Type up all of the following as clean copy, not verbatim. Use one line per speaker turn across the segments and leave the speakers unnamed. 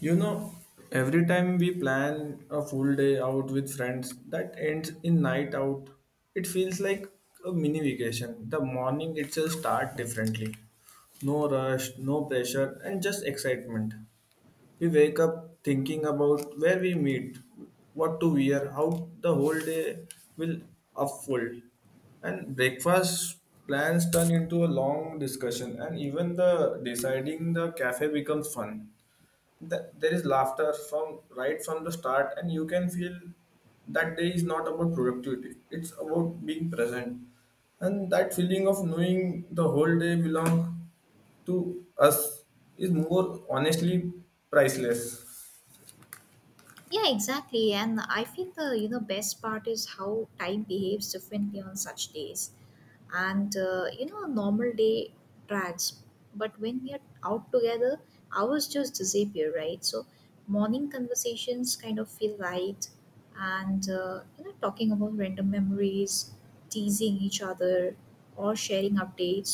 You know, every time we plan a full day out with friends that ends in night out, it feels like a mini vacation. The morning itself start differently. No rush, no pressure, and just excitement. We wake up thinking about where we meet, what to wear, how the whole day will unfold. And breakfast plans turn into a long discussion, and even the deciding the cafe becomes fun. There is laughter from right from the start, and you can feel that day is not about productivity, it's about being present, and that feeling of knowing the whole day belong to us is more honestly priceless.
Yeah, exactly. And I feel the best part is how time behaves differently on such days and a normal day drags, but when we are out together hours just disappear, right? So morning conversations kind of feel light, and talking about random memories, teasing each other, or sharing updates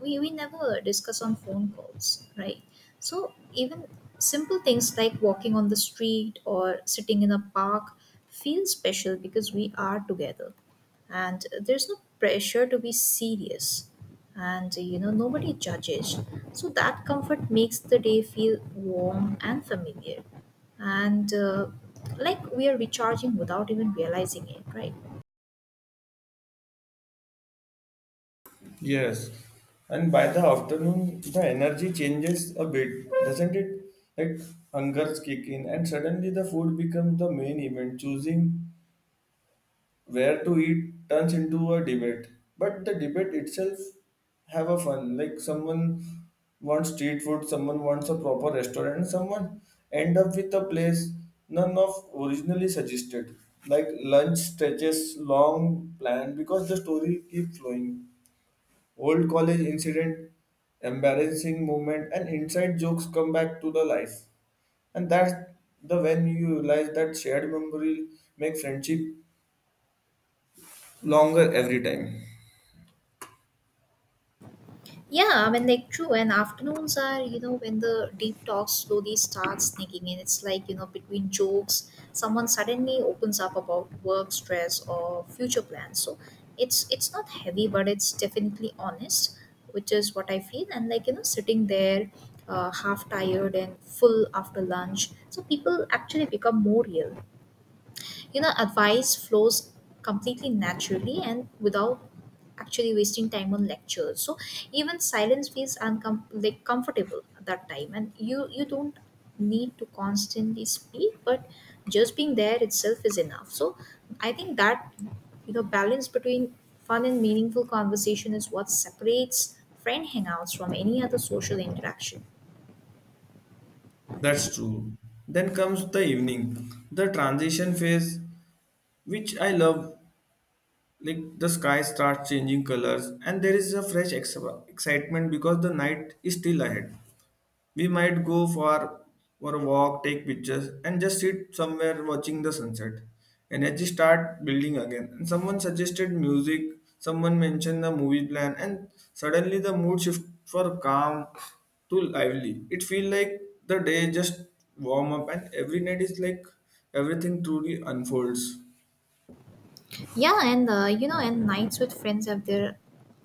we never discuss on phone calls, right? So even simple things like walking on the street or sitting in a park feel special because we are together, and there's no pressure to be serious, and you know nobody judges. So that comfort makes the day feel warm and familiar, and like we are recharging without even realizing it, right?
Yes, and by the afternoon the energy changes a bit, doesn't it? Like hungers kick in and suddenly the food becomes the main event. Choosing where to eat turns into a debate, but the debate itself have a fun. Like someone wants street food, someone wants a proper restaurant, someone end up with a place none of originally suggested. Like lunch stretches long planned because the story keeps flowing. Old college incident, embarrassing moment, and inside jokes come back to the life, and that's the when you realize that shared memory make friendship longer every time.
Yeah, I mean, like, true. And afternoons are, you know, when the deep talk slowly starts sneaking in. It's like, you know, between jokes, someone suddenly opens up about work stress or future plans. So it's not heavy, but it's definitely honest, which is what I feel. And like, you know, sitting there, half tired and full after lunch, so people actually become more real. You know, advice flows completely naturally and without actually wasting time on lectures. So even silence feels like comfortable at that time, and you don't need to constantly speak but just being there itself is enough. So I think that, you know, balance between fun and meaningful conversation is what separates friend hangouts from any other social interaction.
That's true. Then comes the evening, the transition phase, which I love. Like the sky starts changing colors, and there is a fresh excitement because the night is still ahead. We might go for a walk, take pictures, and just sit somewhere watching the sunset. Energy start building again. And someone suggested music, someone mentioned the movie plan, and suddenly the mood shift for calm to lively. It feels like the day just warm up, and every night is like everything truly unfolds.
Yeah, and you know, and nights with friends have their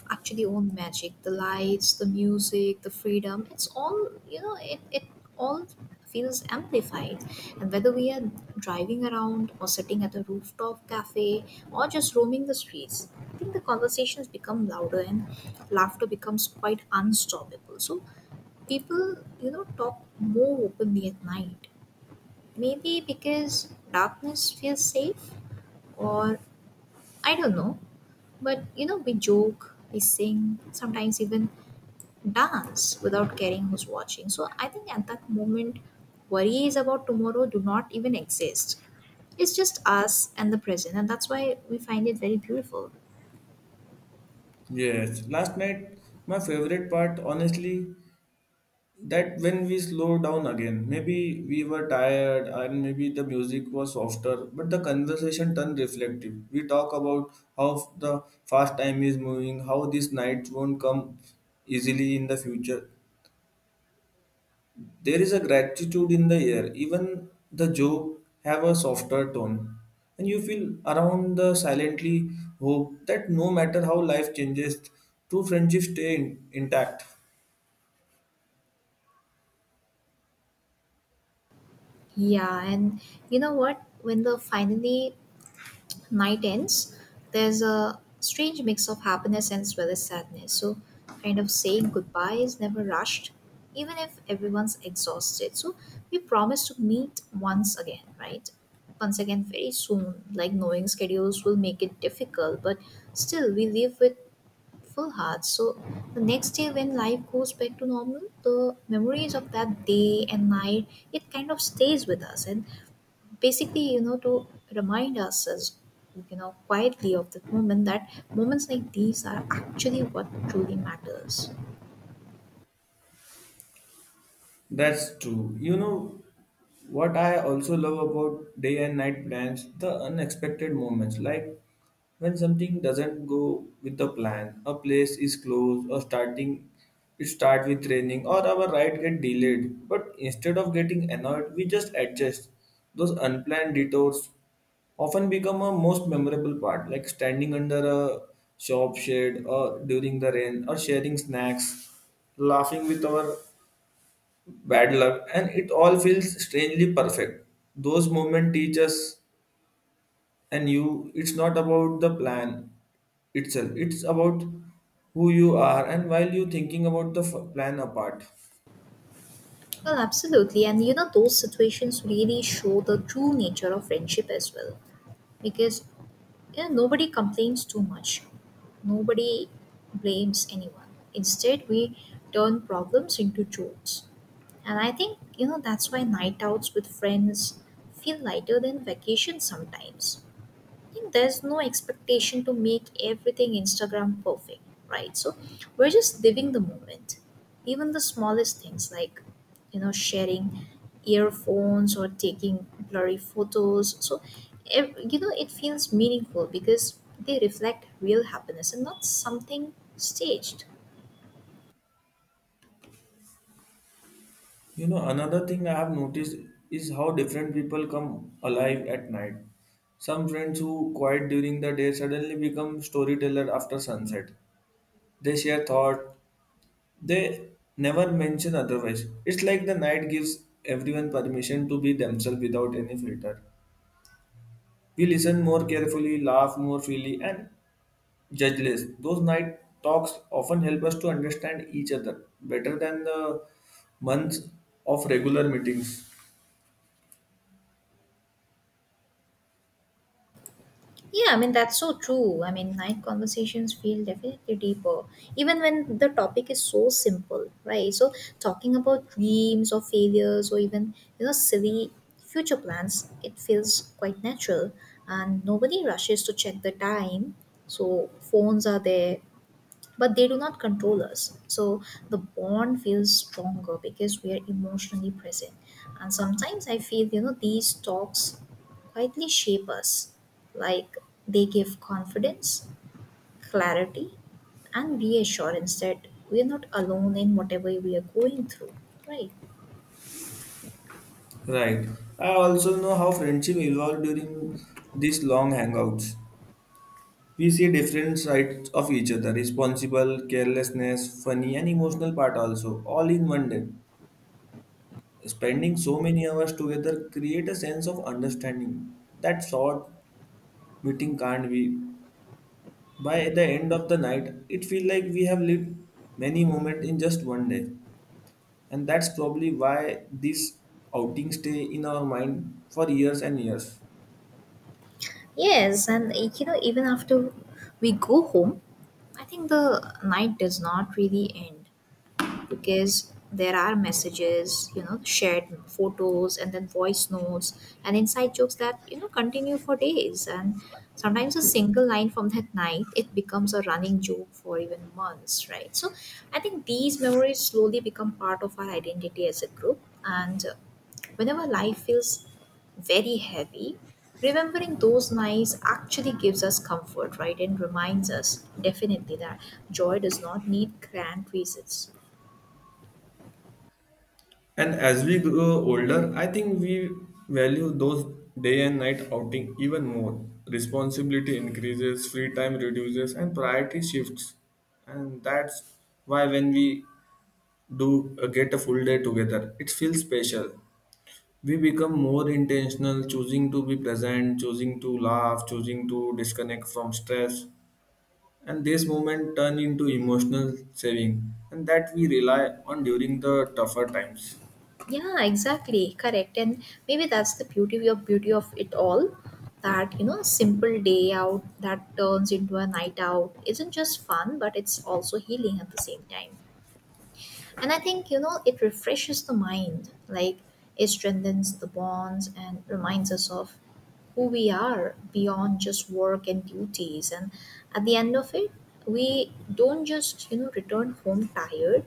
actually own magic. The lights, the music, the freedom. It's all, you know. It all feels amplified. And whether we are driving around or sitting at a rooftop cafe or just roaming the streets, I think the conversations become louder and laughter becomes quite unstoppable. So people, you know, talk more openly at night. Maybe because darkness feels safe, or I don't know. But you know, we joke, we sing, sometimes even dance without caring who's watching. So I think at that moment, worries about tomorrow do not even exist. It's just us and the present, and that's why we find it very beautiful.
Yes, last night my favorite part honestly that when we slow down again. Maybe we were tired and maybe the music was softer, but the conversation turned reflective. We talk about how the fast time is moving, how these nights won't come easily in the future. There is a gratitude in the air, even the joke have a softer tone, and you feel around the silently hope that no matter how life changes, true friendships stay intact.
Yeah, and you know what? When the finally night ends, there's a strange mix of happiness and as well as sadness. So, kind of saying goodbye is never rushed, even if everyone's exhausted. So, we promise to meet once again, right? Once again, very soon. Like, knowing schedules will make it difficult, but still, we live with full hearts. So, the next day when life goes back to normal, the memories of that day and night it kind of stays with us and basically you know to remind ourselves, you know, quietly of the moments like these are actually what truly matters.
That's true. You know what I also love about day and night plans? The unexpected moments, like when something doesn't go with the plan, a place is closed, or starting it start with raining, or our ride get delayed. But instead of getting annoyed, we just adjust. Those unplanned detours often become a most memorable part, like standing under a shop shade or during the rain, or sharing snacks, laughing with our bad luck, and it all feels strangely perfect. Those moments teach us and you it's not about the plan itself, it's about who you are and while you thinking about the plan apart.
Well, absolutely, and you know those situations really show the true nature of friendship as well. Because you know nobody complains too much, nobody blames anyone. Instead we turn problems into jokes, and I think, you know, that's why night outs with friends feel lighter than vacations sometimes. Think there's no expectation to make everything Instagram perfect, right? So we're just living the moment. Even the smallest things like, you know, sharing earphones or taking blurry photos. So, you know, it feels meaningful because they reflect real happiness and not something staged.
You know, another thing I have noticed is how different people come alive at night. Some friends who quiet during the day suddenly become storyteller after sunset. They share thought, they never mention otherwise. It's like the night gives everyone permission to be themselves without any filter. We listen more carefully, laugh more freely, and judge less. Those night talks often help us to understand each other better than the months of regular meetings.
Yeah, I mean, that's so true. I mean, night conversations feel definitely deeper, even when the topic is so simple, right? So, talking about dreams or failures or even, you know, silly future plans, it feels quite natural. And nobody rushes to check the time. So, phones are there, but they do not control us. So the bond feels stronger because we are emotionally present, and sometimes I feel, you know, these talks quietly shape us, like they give confidence, clarity, and reassurance that we are not alone in whatever we are going through, right?
Right. I also know how friendship evolved during these long hangouts. We see different sides of each other: responsible, carelessness, funny, and emotional part also, all in one day. Spending so many hours together create a sense of understanding that short meeting can't be. By the end of the night, it feels like we have lived many moments in just one day, and that's probably why these outings stay in our mind for years and years.
Yes, and you know even after we go home I think the night does not really end, because there are messages, you know, shared photos and then voice notes and inside jokes that, you know, continue for days. And sometimes a single line from that night, it becomes a running joke for even months, right? So I think these memories slowly become part of our identity as a group. And whenever life feels very heavy, remembering those nights actually gives us comfort, right? And reminds us definitely that joy does not need grand reasons.
And as we grow older, I think we value those day and night outing even more. Responsibility increases, free time reduces, and priority shifts. And that's why when we do get a full day together, it feels special. We become more intentional, choosing to be present, choosing to laugh, choosing to disconnect from stress. And this moment turn into emotional saving and that we rely on during the tougher times.
Yeah, exactly, correct. And maybe that's the beauty of it all, that you know simple day out that turns into a night out isn't just fun but it's also healing at the same time. And I think, you know, it refreshes the mind, like it strengthens the bonds and reminds us of who we are beyond just work and duties. And at the end of it, we don't just, you know, return home tired.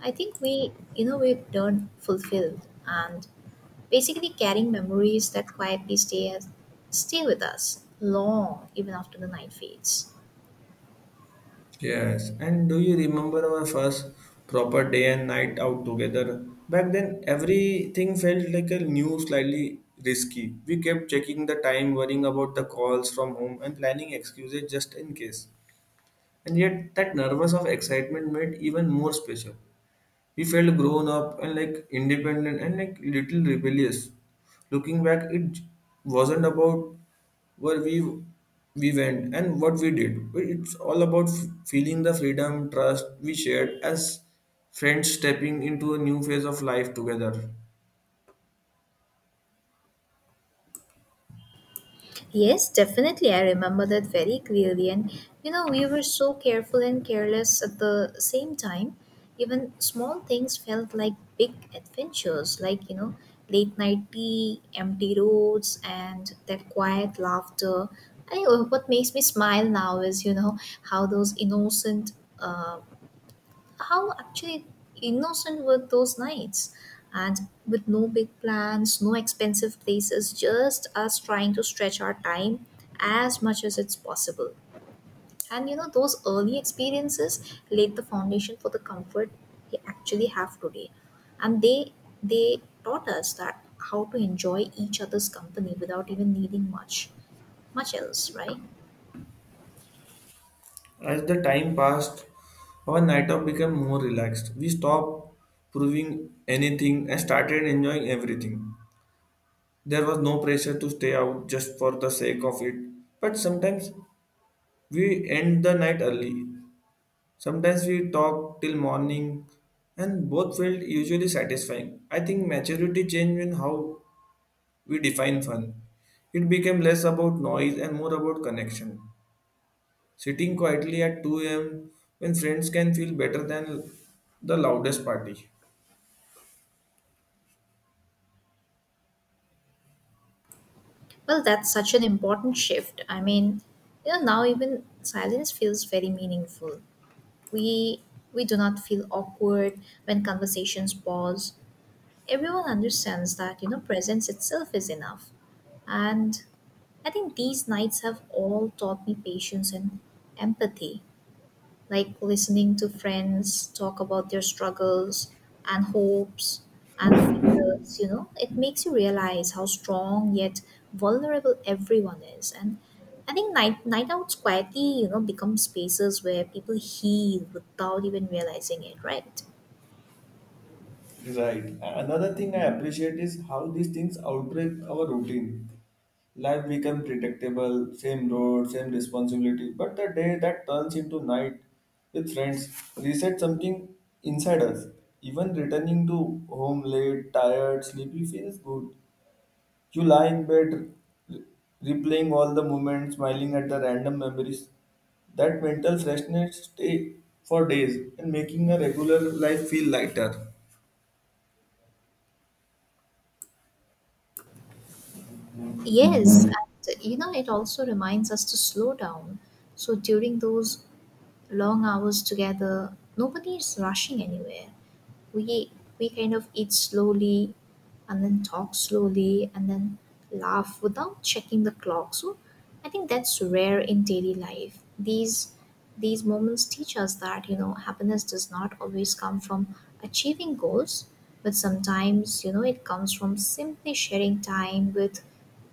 I think we, you know, we return fulfilled and basically carrying memories that quietly stay with us long even after the night fades.
Yes, and do you remember our first proper day and night out together? Back then, everything felt like a new, slightly risky. We kept checking the time, worrying about the calls from home, and planning excuses just in case. And yet, that nervous of excitement made even more special. We felt grown up and like independent and like little rebellious. Looking back, it wasn't about where we went and what we did. But it's all about feeling the freedom, trust we shared as friends stepping into a new phase of life together.
Yes, definitely. I remember that very clearly. And you know, we were so careful and careless at the same time. Even small things felt like big adventures, like, you know, late night tea, empty roads, and that quiet laughter. I, what makes me smile now is, you know, how those innocent uh, how actually innocent were those nights, and with no big plans, no expensive places, just us trying to stretch our time as much as it's possible. And you know those early experiences laid the foundation for the comfort we actually have today, and they taught us that how to enjoy each other's company without even needing much else, right?
As the time passed, our night out became more relaxed. We stopped proving anything and started enjoying everything. There was no pressure to stay out just for the sake of it. But sometimes we end the night early. Sometimes we talk till morning, and both felt usually satisfying. I think maturity changed in how we define fun. It became less about noise and more about connection. Sitting quietly at 2 a.m. when friends can feel better than the loudest party.
Well, that's such an important shift. I mean, you know, now even silence feels very meaningful. We we do not feel awkward when conversations pause. Everyone understands that, you know, presence itself is enough. And I think these nights have all taught me patience and empathy, like listening to friends talk about their struggles and hopes and fears, you know, it makes you realize how strong yet vulnerable everyone is. And I think night outs quietly, you know, become spaces where people heal without even realizing it, right?
Right. Another thing I appreciate is how these things outbreak our routine. Life becomes predictable, same road, same responsibility. But the day that turns into night with friends reset something inside us. Even returning to home late, tired, sleepy feels good. You lie in bed, re- replaying all the moments, smiling at the random memories. That mental freshness stay for days and making a regular life feel lighter.
Yes, and you know it also reminds us to slow down. So during those long hours together, nobody is rushing anywhere. We we kind of eat slowly and then talk slowly and then laugh without checking the clock. So I think that's rare in daily life. These moments teach us that, you know, happiness does not always come from achieving goals, but sometimes, you know, it comes from simply sharing time with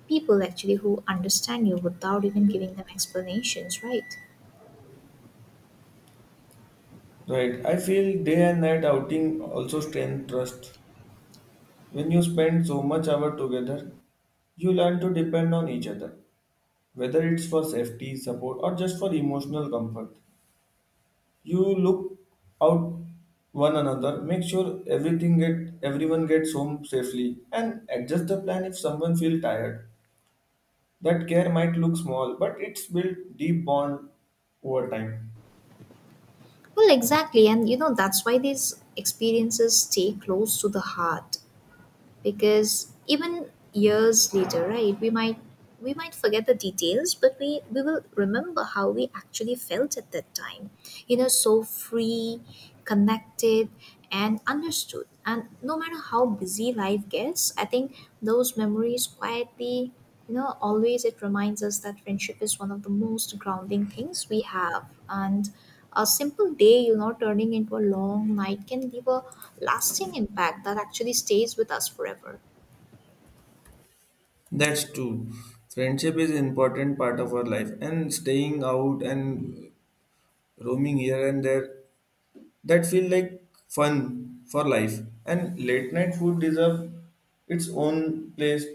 people actually who understand you without even giving them explanations, right?
Right. I feel day and night outing also strength trust. When you spend so much hour together, you learn to depend on each other, whether it's for safety, support, or just for emotional comfort. You look out one another, make sure everything get everyone gets home safely, and adjust the plan if someone feels tired. That care might look small, but it's built deep bond over time.
Well, exactly. And you know, that's why these experiences stay close to the heart, because even years later, right, we might forget the details, but we will remember how we actually felt at that time. You know, so free, connected, and understood. And no matter how busy life gets, I think those memories quietly, you know, always it reminds us that friendship is one of the most grounding things we have, and a simple day, you know, turning into a long night can leave a lasting impact that actually stays with us forever.
That's true. Friendship is important part of our life, and staying out and roaming here and there that feel like fun for life, and late night food deserve its own place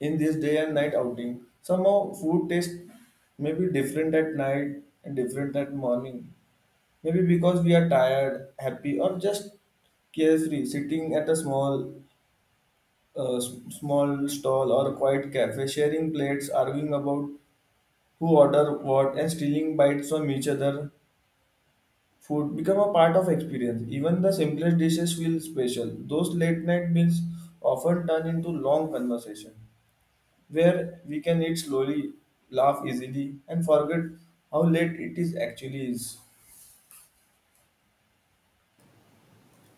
in this day and night outing. Somehow food taste may be different at night and different at morning, maybe because we are tired, happy, or just carefree, sitting at a small small stall or a quiet cafe, sharing plates, arguing about who order what and stealing bites from each other. Food become a part of experience. Even the simplest dishes feel special. Those late night meals often turn into long conversation where we can eat slowly, laugh easily, and forget how late it is actually is.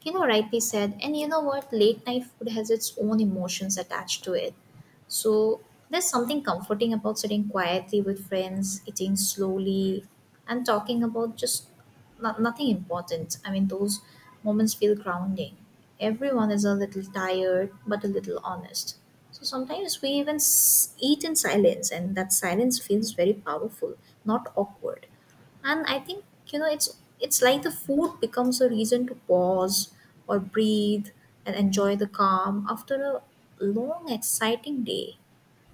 You know, rightly said. And you know what? Late night food has its own emotions attached to it. So there's something comforting about sitting quietly with friends, eating slowly, and talking about just nothing important. I mean, those moments feel grounding. Everyone is a little tired, but a little honest. So sometimes we even eat in silence, and that silence feels very powerful, not awkward. And I think, you know, it's like the food becomes a reason to pause or breathe and enjoy the calm after a long exciting day.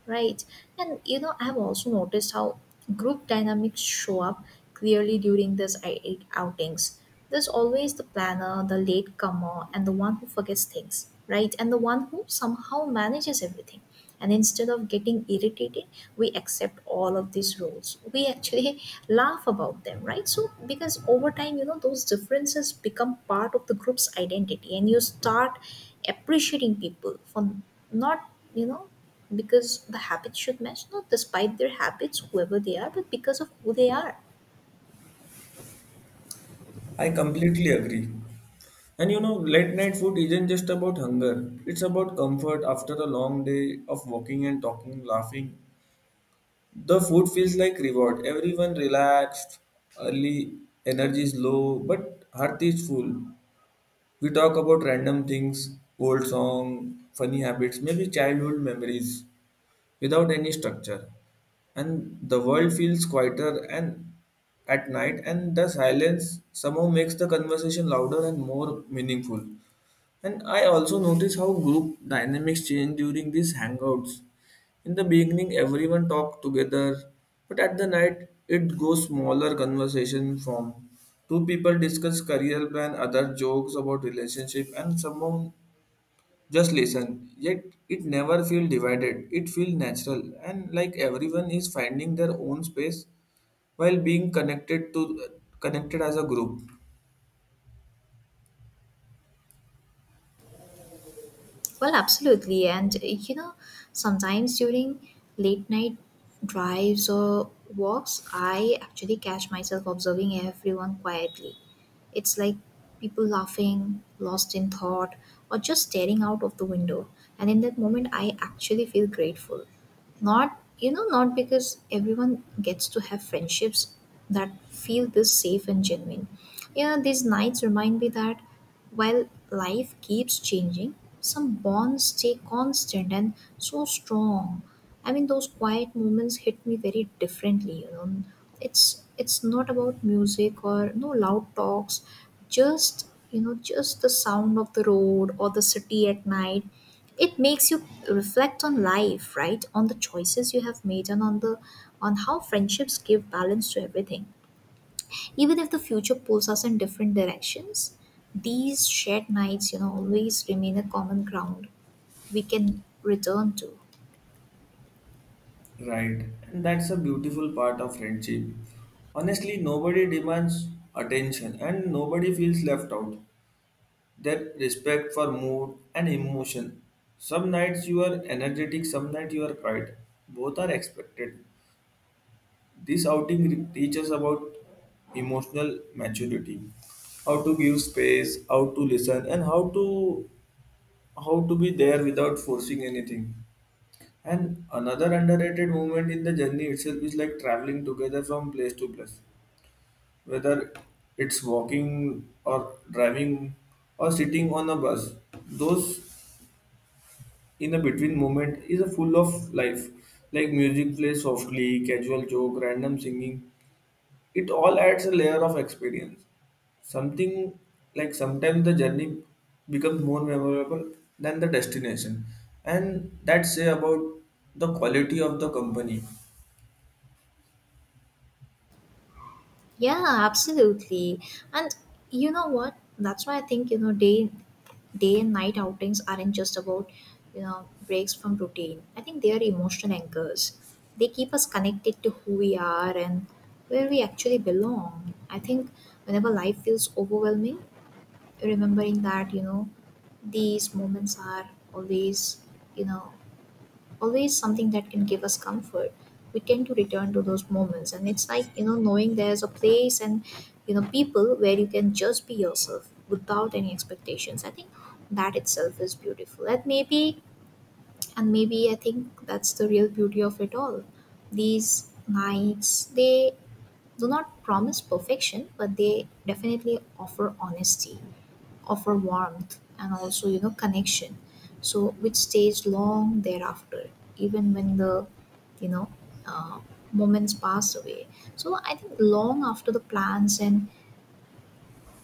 Right. And you know, I've also noticed how group dynamics show up clearly during these outings. There's always the planner, the latecomer, and the one who forgets things, right? And the one who somehow manages everything. And instead of getting irritated, we accept all of these roles. We actually laugh about them, right? So, because over time, you know, those differences become part of the group's identity, and you start appreciating people for not, you know, because the habits should match, not despite their habits whoever they are, but because of who they are.
I completely agree. And you know, late night food isn't just about hunger. It's about comfort after a long day of walking and talking, laughing. The food feels like reward. Everyone relaxed, early energy is low, but heart is full. We talk about random things, old song, funny habits, maybe childhood memories without any structure, and the world feels quieter and at night, and the silence somehow makes the conversation louder and more meaningful. And I also notice how group dynamics change during these hangouts. In the beginning everyone talk together, but at the night it goes smaller conversation form. Two people discuss career plan, other jokes about relationship, and someone just listen, yet it never feel divided. It feel natural, and like everyone is finding their own space while being connected as a group.
Well, absolutely. And you know, sometimes during late night drives or walks, I actually catch myself observing everyone quietly. It's like people laughing, lost in thought, or just staring out of the window. And in that moment, I actually feel grateful. Not, you know, not because everyone gets to have friendships that feel this safe and genuine. Yeah, these nights remind me that while life keeps changing, some bonds stay constant and so strong. I mean, those quiet moments hit me very differently. You know, it's not about music or no loud talks, just just the sound of the road or the city at night. It makes you reflect on life, right? On the choices you have made and on the on how friendships give balance to everything. Even if the future pulls us in different directions, these shared nights, you know, always remain a common ground we can return to.
Right. And that's a beautiful part of friendship. Honestly, nobody demands attention and nobody feels left out. That respect for mood and emotion. Some nights you are energetic, some nights you are quiet. Both are expected. This outing teaches about emotional maturity, how to give space, how to listen, and how to be there without forcing anything. And another underrated moment in the journey itself is like traveling together from place to place, whether it's walking or driving or sitting on a bus. Those in a between moment is a full of life, like music plays softly, casual joke, random singing, it all adds a layer of experience. Something like sometimes the journey becomes more memorable than the destination, and that say about the quality of the company.
Yeah, absolutely. And you know what? That's why I think, day and night outings aren't just about, breaks from routine. I think they are emotional anchors. They keep us connected to who we are and where we actually belong. I think whenever life feels overwhelming, remembering that these moments are always you know always something that can give us comfort, we tend to return to those moments, and it's like, knowing there's a place and, people where you can just be yourself without any expectations. I think that itself is beautiful, and maybe I think that's the real beauty of it all. These nights, they do not promise perfection, but they definitely offer honesty, offer warmth, and also, you know, connection. So, which stays long thereafter, even when the, you know, uh, moments pass away. So, I think long after the plans and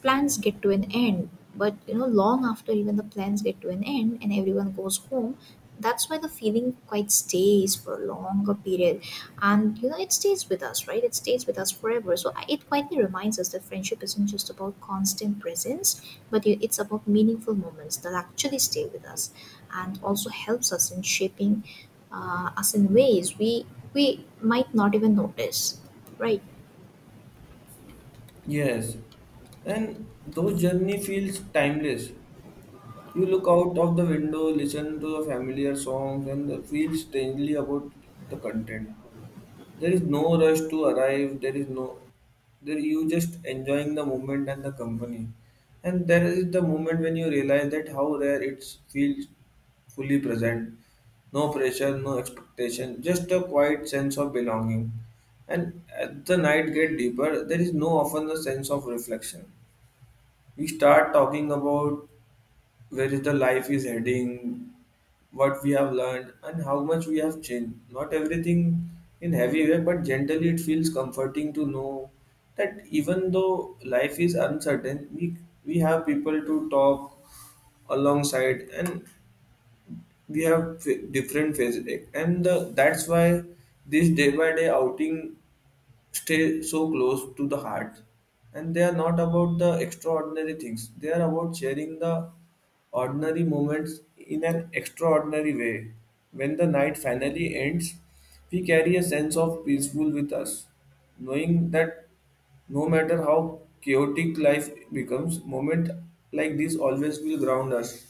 plans get to an end but you know long after even the plans get to an end and everyone goes home, that's why the feeling quite stays for a longer period, and, you know, it stays with us, right? It stays with us forever. So it quietly reminds us that friendship isn't just about constant presence, but it's about meaningful moments that actually stay with us, and also helps us in shaping us in ways we might not even notice, right?
Yes, and those journey feels timeless. You look out of the window, listen to the familiar songs, and feel strangely about the content. There is no rush to arrive. There is no there, you just enjoying the moment and the company. And there is the moment when you realize that how rare it feels fully present. No pressure, no expectation, just a quiet sense of belonging. And as the night get deeper, there is no often a sense of reflection. We start talking about where is the life is heading, what we have learned, and how much we have changed. Not everything in heavy way, but generally it feels comforting to know that even though life is uncertain, we have people to talk alongside, and we have different phases, and the, that's why this day by day outing stay so close to the heart, and they are not about the extraordinary things, they are about sharing the ordinary moments in an extraordinary way. When the night finally ends, we carry a sense of peaceful with us, knowing that no matter how chaotic life becomes, moment like this always will ground us.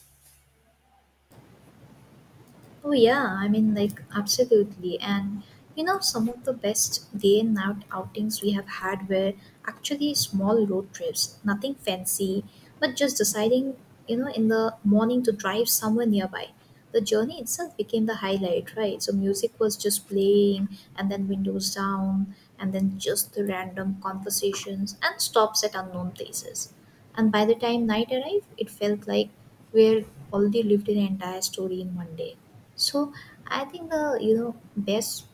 Oh yeah, I mean, like, absolutely. And, you know, some of the best day and night outings we have had were actually small road trips, nothing fancy, but just deciding, you know, in the morning to drive somewhere nearby. The journey itself became the highlight, right? So music was just playing, and then windows down, and then just the random conversations and stops at unknown places. And by the time night arrived, it felt like we had already lived an entire story in one day. So I think the you know best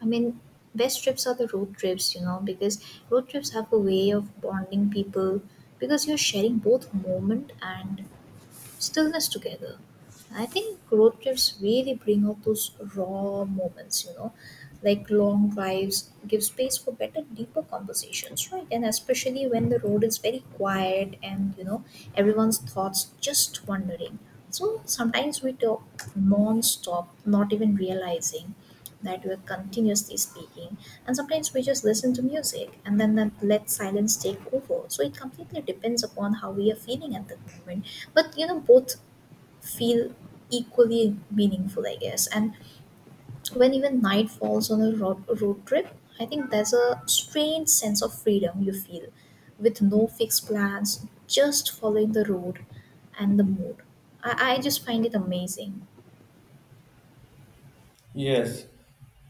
I mean best trips are the road trips, you know, because road trips have a way of bonding people, because you're sharing both moment and stillness together. I think road trips really bring out those raw moments, you know, like long drives give space for better, deeper conversations, right? And especially when the road is very quiet and, you know, everyone's thoughts just wandering. So sometimes we talk non stop, not even realizing that we're continuously speaking, and sometimes we just listen to music and then that let silence take over. So it completely depends upon how we are feeling at that moment, but, you know, both feel equally meaningful, I guess. And when even night falls on a road trip, I think there's a strange sense of freedom you feel, with no fixed plans, just following the road and the mood. I just find it amazing.
Yes,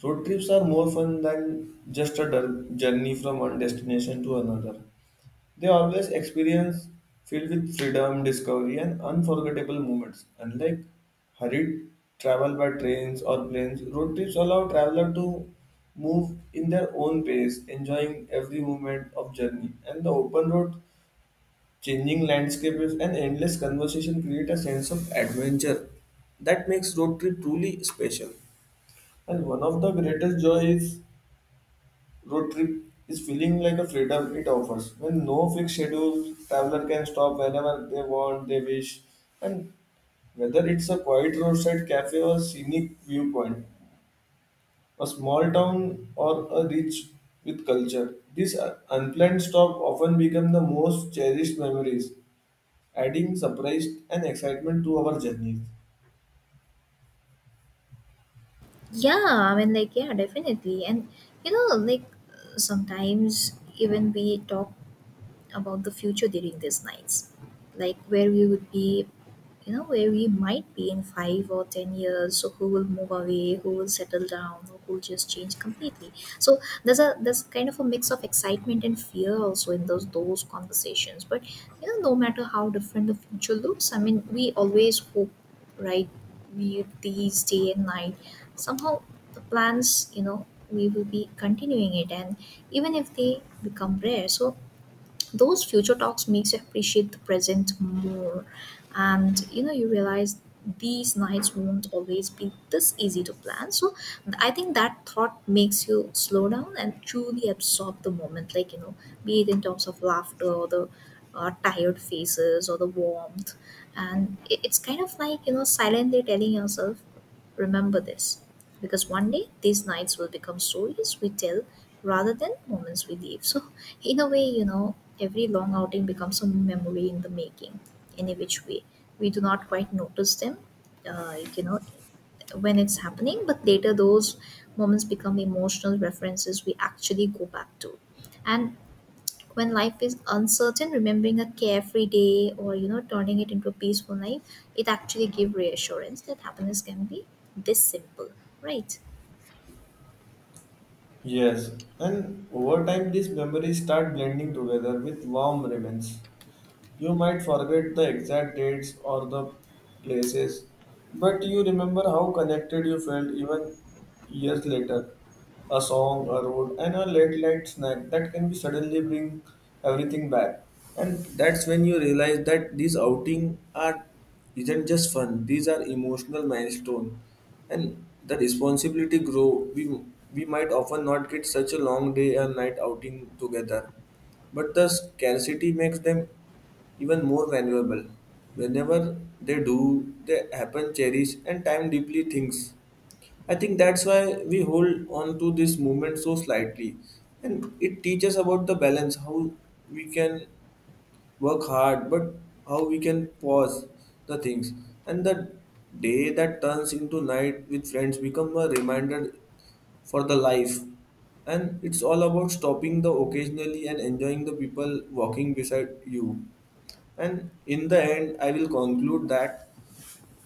road trips are more fun than just a journey from one destination to another. They always experience filled with freedom, discovery, and unforgettable moments. Unlike hurried travel by trains or planes, road trips allow traveler to move in their own pace, enjoying every moment of journey. And the open road, changing landscapes, and endless conversation create a sense of adventure that makes road trip truly special. And one of the greatest joys road trip is feeling like a freedom it offers. When no fixed schedule, traveler can stop whenever they want, they wish, and whether it's a quiet roadside cafe or scenic viewpoint, a small town or a rich with culture, these unplanned stop often become the most cherished memories, adding surprise and excitement to our journeys.
Yeah, I mean, like, yeah, definitely. And, you know, like, sometimes even we talk about the future during these nights, like where we would be, where we might be in five or ten years. So who will move away, who will settle down, or who will just change completely. So there's kind of a mix of excitement and fear also in those conversations, but, you know, no matter how different the future looks, I mean, we always hope, right? We, these day and night, somehow, the plans, you know, we will be continuing it, and even if they become rare. So those future talks makes you appreciate the present more, and, you know, you realize these nights won't always be this easy to plan. So I think that thought makes you slow down and truly absorb the moment, like, you know, be it in terms of laughter or the tired faces or the warmth. And it's kind of like, you know, silently telling yourself, remember this, because one day these nights will become stories we tell rather than moments we leave. So, in a way, you know, every long outing becomes a memory in the making, in a which way we do not quite notice them, you know, when it's happening, but later those moments become emotional references we actually go back to. And when life is uncertain, remembering a carefree day or, you know, turning it into a peaceful night, it actually gives reassurance that happiness can be this simple, right?
Yes, and over time these memories start blending together with warm remains. You might forget the exact dates or the places, but you remember how connected you felt. Even years later a song, a road, and a late night snack that can be suddenly bring everything back. And that's when you realize that these outing are isn't just fun; these are emotional milestone, and the responsibility grow. We might often not get such a long day and night outing together, but the scarcity makes them even more valuable. Whenever they do, they happen cherish and time deeply things. I think that's why we hold on to this movement so slightly. And it teaches about the balance, how we can work hard, but how we can pause the things. And the day that turns into night with friends become a reminder for the life. And it's all about stopping the occasionally and enjoying the people walking beside you. And in the end, I will conclude that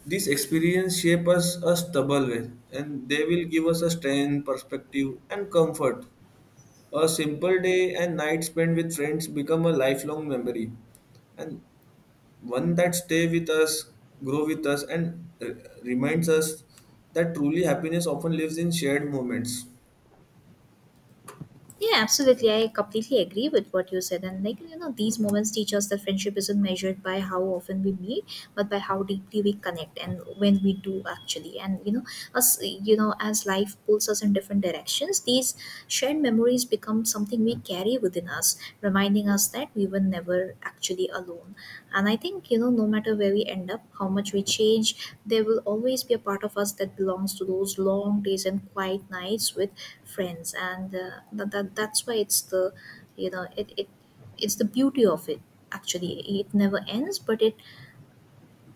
this experience shape us a stubble way and they will give us a strength, perspective, and comfort. A simple day and night spent with friends become a lifelong memory, and one that stay with us, grow with us, and reminds us that truly happiness often lives in shared moments.
Yeah, absolutely. I completely agree with what you said. And, like, you know, these moments teach us that friendship isn't measured by how often we meet, but by how deeply we connect and when we do actually. And, you know, as life pulls us in different directions, these shared memories become something we carry within us, reminding us that we were never actually alone. And I think, you know, no matter where we end up, how much we change, there will always be a part of us that belongs to those long days and quiet nights with friends. And that's why it's the, you know, it, it it's the beauty of it. Actually, it never ends, but it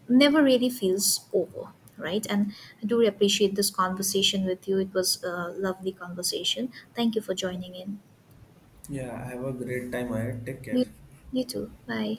never really feels over, right? And I do appreciate this conversation with you. It was a lovely conversation. Thank you for joining in.
Yeah, have a great time ahead. Take care.
you, you too. Bye.